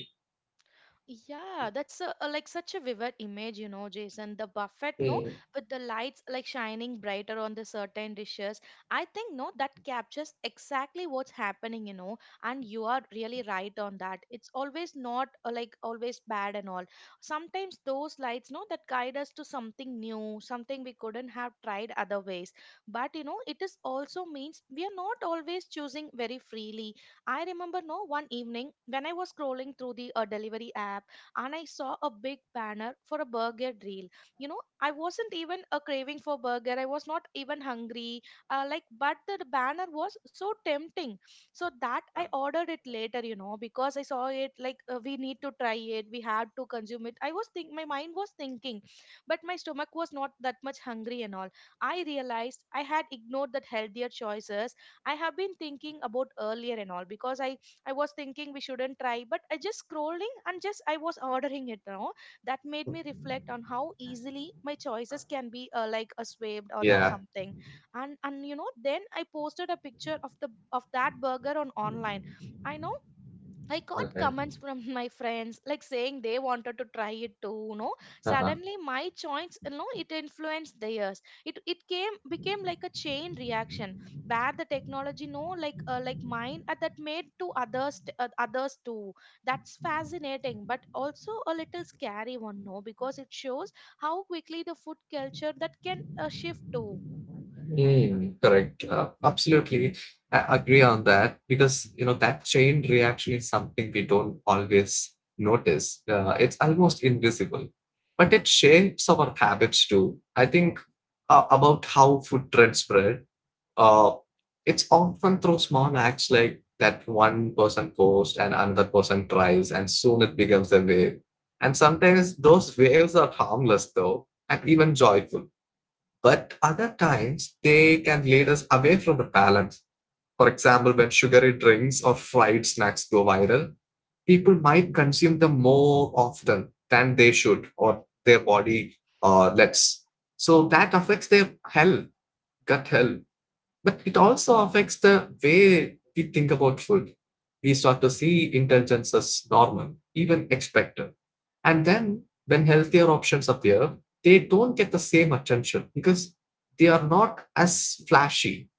[SPEAKER 1] Yeah, that's a, like such a vivid image, Jason. The buffet, no,
[SPEAKER 2] Mm.
[SPEAKER 1] with the lights like shining brighter on the certain dishes. I think, no, that captures exactly what's happening, and you are really right on that. It's always not like always bad and all. Sometimes those lights, no, that guide us to something new, something we couldn't have tried other ways. But, it is also means we are not always choosing very freely. I remember, no, one evening when I was scrolling through the delivery app and I saw a big banner for a burger deal. You know, I wasn't even a craving for burger. I was not even hungry. But the banner was so tempting, so that I ordered it later. You know, because I saw it like, we need to try it. We had to consume it. I was think My mind was thinking, but my stomach was not that much hungry and all. I realized I had ignored that healthier choices I have been thinking about earlier and all. Because I was thinking we shouldn't try, but I just scrolling and just I was ordering it now. That made me reflect on how easily my choices can be like a swapped or the
[SPEAKER 2] Yeah.
[SPEAKER 1] something. And you know, then I posted a picture of the of that burger on online. I know I got comments from my friends like saying they wanted to try it too. Suddenly my choice, it influenced theirs. It came became like a chain reaction where the technology, no, like mine, that made to others, others too. That's fascinating, but also a little scary one, no, because it shows how quickly the food culture that can shift too.
[SPEAKER 2] Mm, correct. Absolutely. I agree on that because, you know, that chain reaction is something we don't always notice. It's almost invisible, but it shapes our habits too. I think about how food trends spread. Uh, it's often through small acts like that: one person posts and another person tries, and soon it becomes a wave. And sometimes those waves are harmless though, and even joyful, but other times, they can lead us away from the balance. For example, when sugary drinks or fried snacks go viral, people might consume them more often than they should or their body lets. So that affects their health, gut health. But it also affects the way we think about food. We start to see indulgence as normal, even expected. And then when healthier options appear, they don't get the same attention because they are not as flashy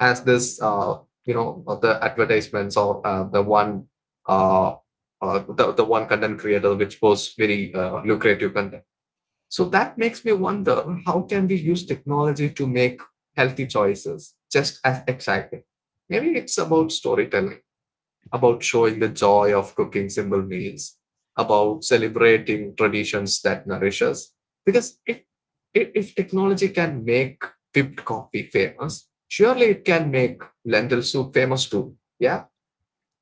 [SPEAKER 2] as this, the advertisements or uh, the one content creator which posts very lucrative content. So that makes me wonder, how can we use technology to make healthy choices just as exciting? Maybe it's about storytelling, about showing the joy of cooking simple meals, about celebrating traditions that nourish us. Because if technology can make whipped coffee famous, surely it can make lentil soup famous too. Yeah?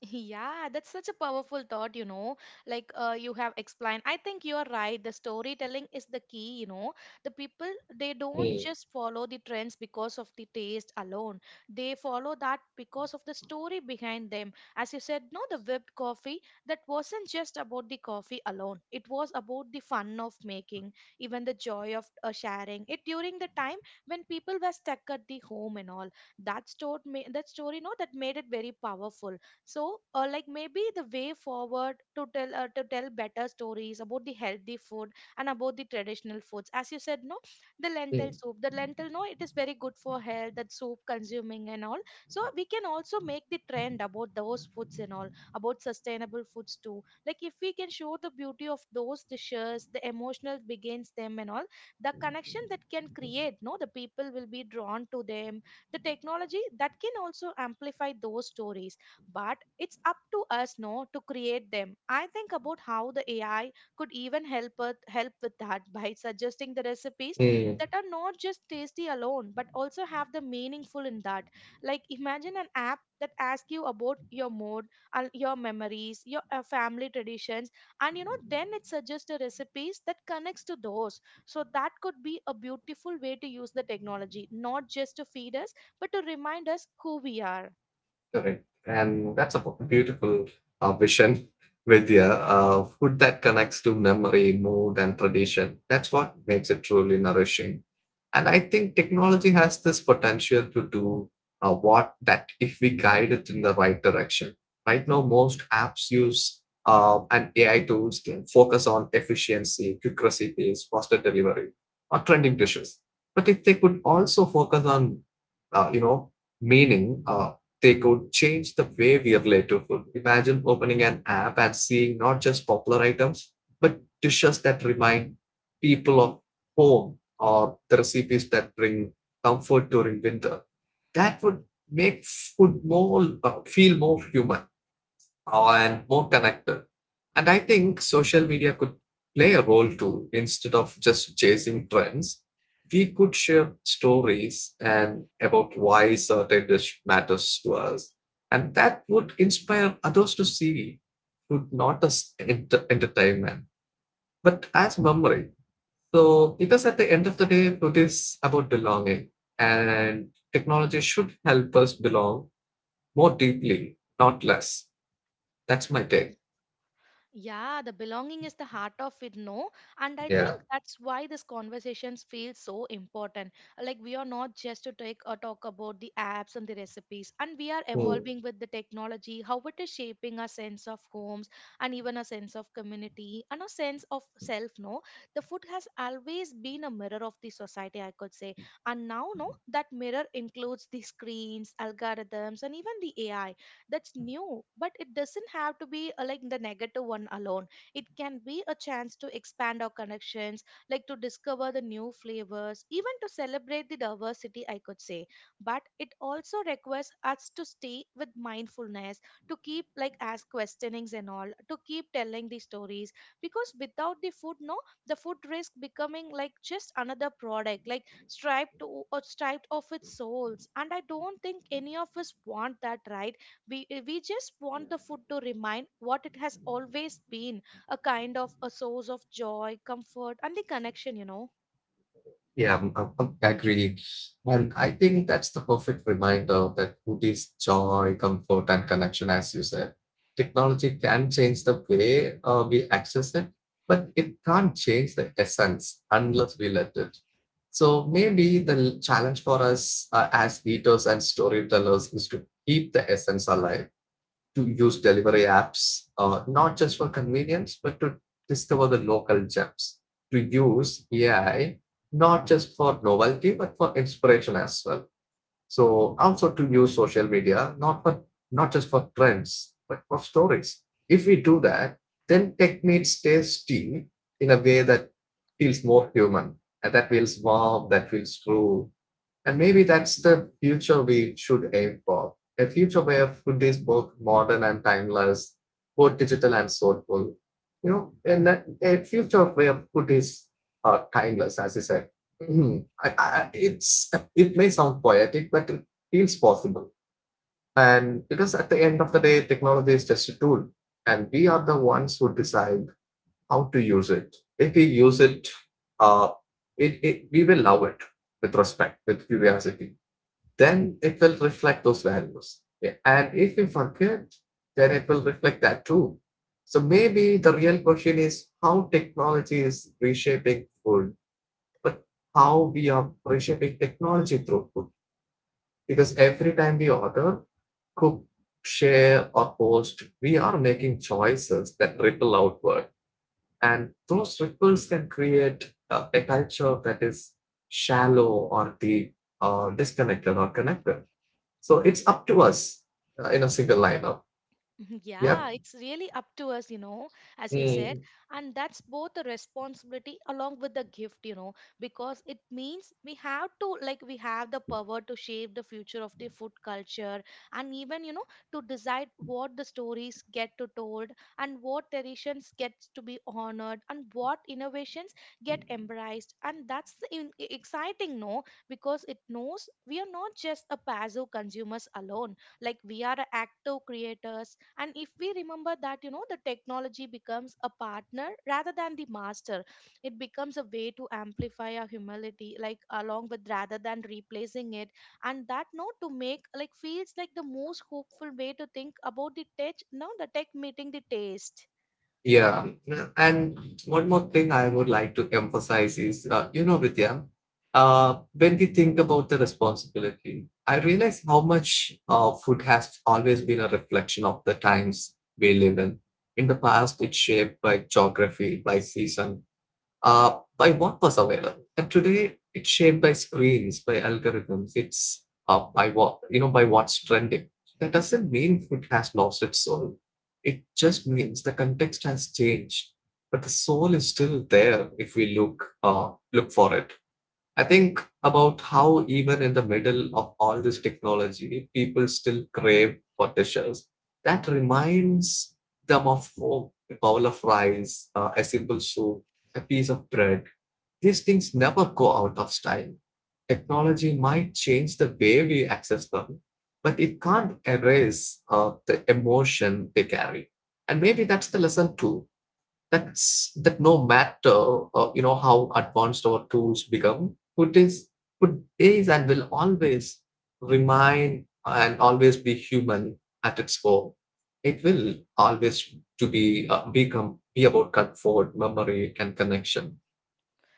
[SPEAKER 1] Yeah, that's such a powerful thought, you know. You have explained, I think you're right. The storytelling is the key, you know. The people, they don't
[SPEAKER 2] Mm.
[SPEAKER 1] just follow the trends because of the taste alone, they follow that because of the story behind them. As you said, no, the whipped coffee, that wasn't just about the coffee alone, it was about the fun of making, even the joy of sharing it during the time when people were stuck at the home and all. That, story, that story, no, that made it very powerful. So like maybe the way forward to tell to tell better stories about the healthy food and about the traditional foods, as you said, no, the lentil
[SPEAKER 2] Mm.
[SPEAKER 1] soup, the lentil, no, it is very good for health, that soup consuming and all. So we can also make the trend about those foods and all, about sustainable foods too. Like if we can show the beauty of those dishes, the emotional begins them and all, the connection that can create, no, the people will be drawn to them. The technology that can also amplify those stories, but it's up to us, no, to create them. I think about how the AI could even help with that by suggesting the recipes
[SPEAKER 2] Mm.
[SPEAKER 1] that are not just tasty alone but also have the meaningful in that. Like imagine an app that asks you about your mood and your memories, your family traditions, and you know then it suggests the recipes that connects to those. So that could be a beautiful way to use the technology not just to feed us but to remind us who we are.
[SPEAKER 2] Correct. And that's a beautiful vision, Vidya. Food that connects to memory, mood, and tradition. That's what makes it truly nourishing. And I think technology has this potential to do what that if we guide it in the right direction. Right now, most apps use and AI tools can focus on efficiency, quick recipes, faster delivery, or trending dishes. But if they could also focus on uh, you know, meaning, they could change the way we relate to food. Imagine opening an app and seeing not just popular items, but dishes that remind people of home, or the recipes that bring comfort during winter. That would make food more feel more human and more connected. And I think social media could play a role too. Instead of just chasing trends, we could share stories and about why certain dish matters to us. And that would inspire others to see food not as entertainment, but as memory. So, because at the end of the day, food is about belonging, and technology should help us belong more deeply, not less. That's my take.
[SPEAKER 1] Yeah, the belonging is the heart of it, no? And I
[SPEAKER 2] Yeah.
[SPEAKER 1] think that's why this conversations feel so important. Like we are not just to take or talk about the apps and the recipes, and we are
[SPEAKER 2] Hmm.
[SPEAKER 1] evolving with the technology, how it is shaping our sense of homes and even a sense of community and a sense of self, no? The food has always been a mirror of the society, I could say. And now, no, that mirror includes the screens, algorithms, and even the AI. That's new, but it doesn't have to be like the negative one alone. It can be a chance to expand our connections, like to discover the new flavors, even to celebrate the diversity, I could say. But it also requires us to stay with mindfulness, to keep like ask questionings and all, to keep telling the stories. Because without the food, no, the food risk becoming like just another product, like striped or striped of its souls. And I don't think any of us want that, right? We just want the food to remind what it has always been, a kind of a source of joy, comfort, and the connection, you know.
[SPEAKER 2] Yeah, I agree. And I think that's the perfect reminder that food is joy, comfort, and connection, as you said. Technology can change the way we access it, but it can't change the essence unless we let it. So maybe the challenge for us as eaters and storytellers is to keep the essence alive, to use delivery apps, not just for convenience, but to discover the local gems, to use AI, not just for novelty, but for inspiration as well. So also to use social media, not just for trends, but for stories. If we do that, then tech meets tasty in a way that feels more human and that feels warm, that feels true, and maybe that's the future we should aim for. A future where food is both modern and timeless, both digital and soulful. You know, and a future where food is timeless, as you said. Mhm. I, it's It may sound poetic, but it feels possible. And because at the end of the day, technology is just a tool, and we are the ones who decide how to use it. If we use it, uh, we will love it with respect, with curiosity, then it will reflect those values. Yeah. And if we forget, then it will reflect that too. So maybe the real question is how technology is reshaping food, but how we are reshaping technology through food. Because every time we order, cook, share, or post, we are making choices that ripple outward. And those ripples can create a culture that is shallow or deep, or disconnected or connected. So it's up to us in a single lineup.
[SPEAKER 1] Yeah,
[SPEAKER 2] Yep.
[SPEAKER 1] it's really up to us, you know, as you said.
[SPEAKER 2] Mm.
[SPEAKER 1] And that's both a responsibility along with the gift, you know, because it means we have to, like, we have the power to shape the future of the food culture and even, you know, to decide what the stories get to told and what traditions gets to be honored and what innovations get embraced. And that's the exciting, no, because it knows we are not just a passive consumers alone. Like we are active creators, and if we remember that, you know, the technology becomes a partner rather than the master. It becomes a way to amplify our humility, like along with rather than replacing it. And that note to make like feels like the most hopeful way to think about the tech, no, the tech meeting the taste.
[SPEAKER 2] Yeah. And one more thing I would like to emphasize is, Vidya, when we think about the responsibility, I realize how much food has always been a reflection of the times we live in. In the past, it's shaped by geography, by season, by what was available. And today it's shaped by screens, by algorithms. It's By what by what's trending. That doesn't mean food has lost its soul. It just means the context has changed, but the soul is still there if we look for it. I think about how, even in the middle of all this technology, people still crave potations that reminds them of home: a bowl of rice, a simple soup, a piece of bread. These things never go out of style. Technology might change the way we access them, but it can't erase the emotion they carry. And maybe that's the lesson too, that's that no matter how advanced our tools become, food is and will always remain and always be human at its core. It will always to be become be about comfort, memory, and connection.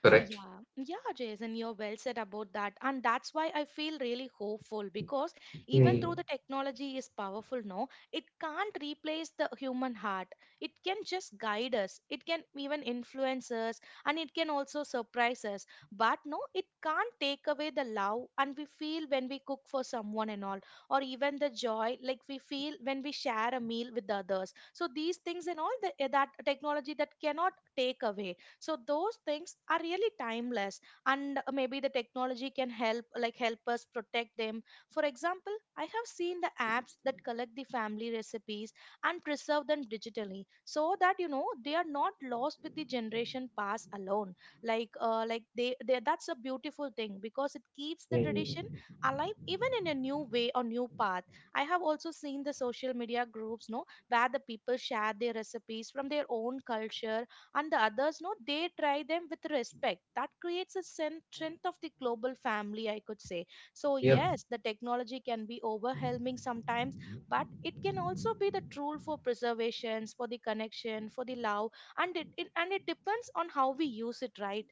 [SPEAKER 2] Correct.
[SPEAKER 1] Yeah, yeah, Jason, you're well said about that. And that's why I feel really hopeful because even though
[SPEAKER 2] Mm,
[SPEAKER 1] the technology is powerful now, it can't replace the human heart. It can just guide us, it can even influence us, and it can also surprise us. But no, it can't take away the love and we feel when we cook for someone and all, or even the joy like we feel when we share a meal with others. So these things and all the, that technology that cannot take away, so those things are really timeless. And maybe the technology can help like help us protect them. For example, I have seen the apps that collect the family recipes and preserve them digitally, so that you know they are not lost with the generation past alone. They that's a beautiful thing because it keeps the tradition
[SPEAKER 2] mm.
[SPEAKER 1] alive even in a new way or new path. I have also seen the social media groups, no, where the people share their recipes from their own culture, and the others, no, they try them with respect. That creates a strength of the global family, I could say. So
[SPEAKER 2] Yeah.
[SPEAKER 1] yes, the technology can be overwhelming sometimes, but it can also be the tool for preservations, for the connection, for the love. And it depends on how we use it, right?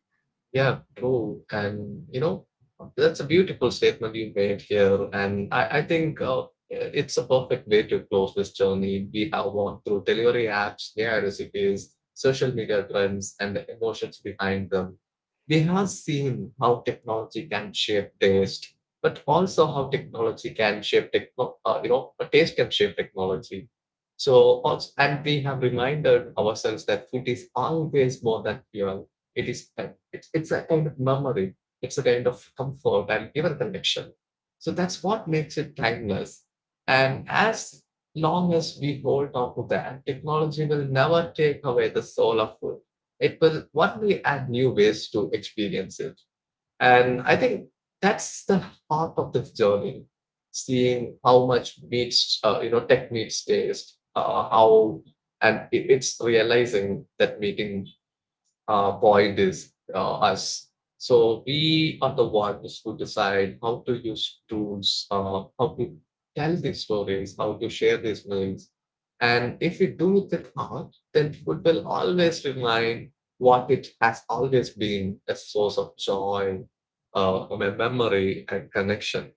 [SPEAKER 2] Yeah, true. And you know, that's a beautiful statement you made here. And I think it's a perfect way to close this journey. We have walked through delivery apps, AI recipes, social media trends, and the emotions behind them. We have seen how technology can shape taste, but also how technology can shape taste can shape technology. So also, and we have reminded ourselves that food is always more than fuel. It is it's a kind of memory. It's a kind of comfort and even connection. So that's what makes it timeless. And as long as we hold on to that, technology will never take away the soul of food. It will one day add new ways to experience it. And I think that's the heart of the journey, seeing how much meets, tech meets taste, how, and it, it's realizing that meeting point is us. So we are the ones who decide how to use tools, how to tell these stories, how to share these memes. And if we do that art, then food will always remain what it has always been: a source of joy, of a memory, and connection.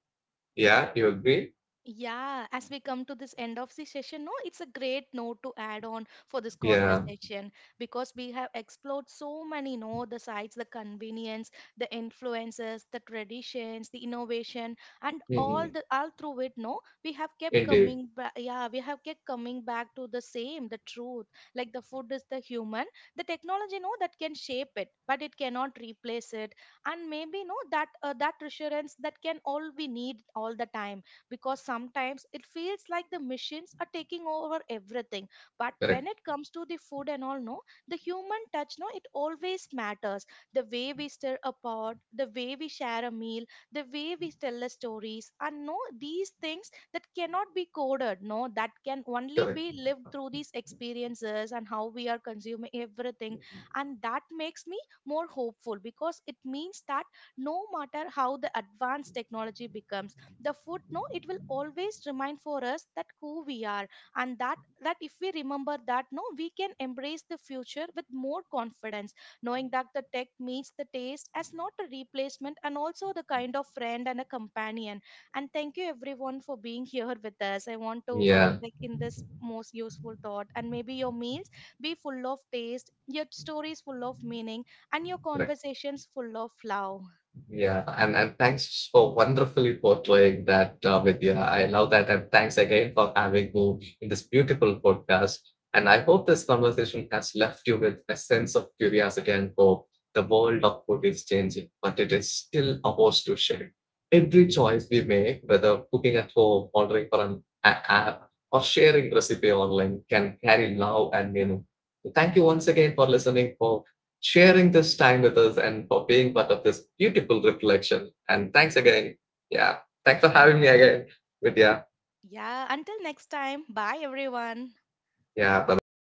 [SPEAKER 2] Yeah, you agree?
[SPEAKER 1] Yeah, as we come to this end of the session, no, it's a great note to add on for this
[SPEAKER 2] Yeah.
[SPEAKER 1] conversation, because we have explored so many, no, the sides, the convenience, the influences, the traditions, the innovation, and all
[SPEAKER 2] Mhm.
[SPEAKER 1] the all through it, no, we have kept
[SPEAKER 2] Indeed.
[SPEAKER 1] coming back. Yeah, we have kept coming back to the same, the truth. Like the food is the human, the technology, no, that can shape it, but it cannot replace it. And maybe, no, that that reassurance that can all we need all the time. Because sometimes it feels like the machines are taking over everything, but when
[SPEAKER 2] Correct,
[SPEAKER 1] it comes to the food and all, no, the human touch, no, it always matters. The way we stir a pot, the way we share a meal, the way we tell the stories, and no, these things that cannot be coded, no, that can only
[SPEAKER 2] correct.
[SPEAKER 1] be lived through these experiences and how we are consuming everything. And that makes me more hopeful because it means that no matter how the advanced technology becomes, the food, no, it will always remind for us that who we are. And that if we remember that, no, we can embrace the future with more confidence, knowing that the tech meets the taste as not a replacement and also the kind of friend and a companion. And thank you everyone for being here with us. I want to
[SPEAKER 2] Yeah,
[SPEAKER 1] like in this most useful thought, and maybe your meals be full of taste, your stories full of meaning, and your
[SPEAKER 2] correct.
[SPEAKER 1] conversations full of love.
[SPEAKER 2] Yeah, and thanks for wonderfully portraying that, Vidya. I love that. And thanks again for having me in this beautiful podcast. And I hope this conversation has left you with a sense of curiosity and hope. The world of food is changing, but it is still ours to share. Every choice we make, whether cooking at home, ordering from an app, or sharing recipe online, can carry love and meaning. So thank you once again for listening, for sharing this time with us, and for being part of this beautiful reflection. And thanks again. Yeah. Thanks for having me again, Vidya.
[SPEAKER 1] Yeah, until next time, bye everyone.
[SPEAKER 2] Yeah. Bye bye.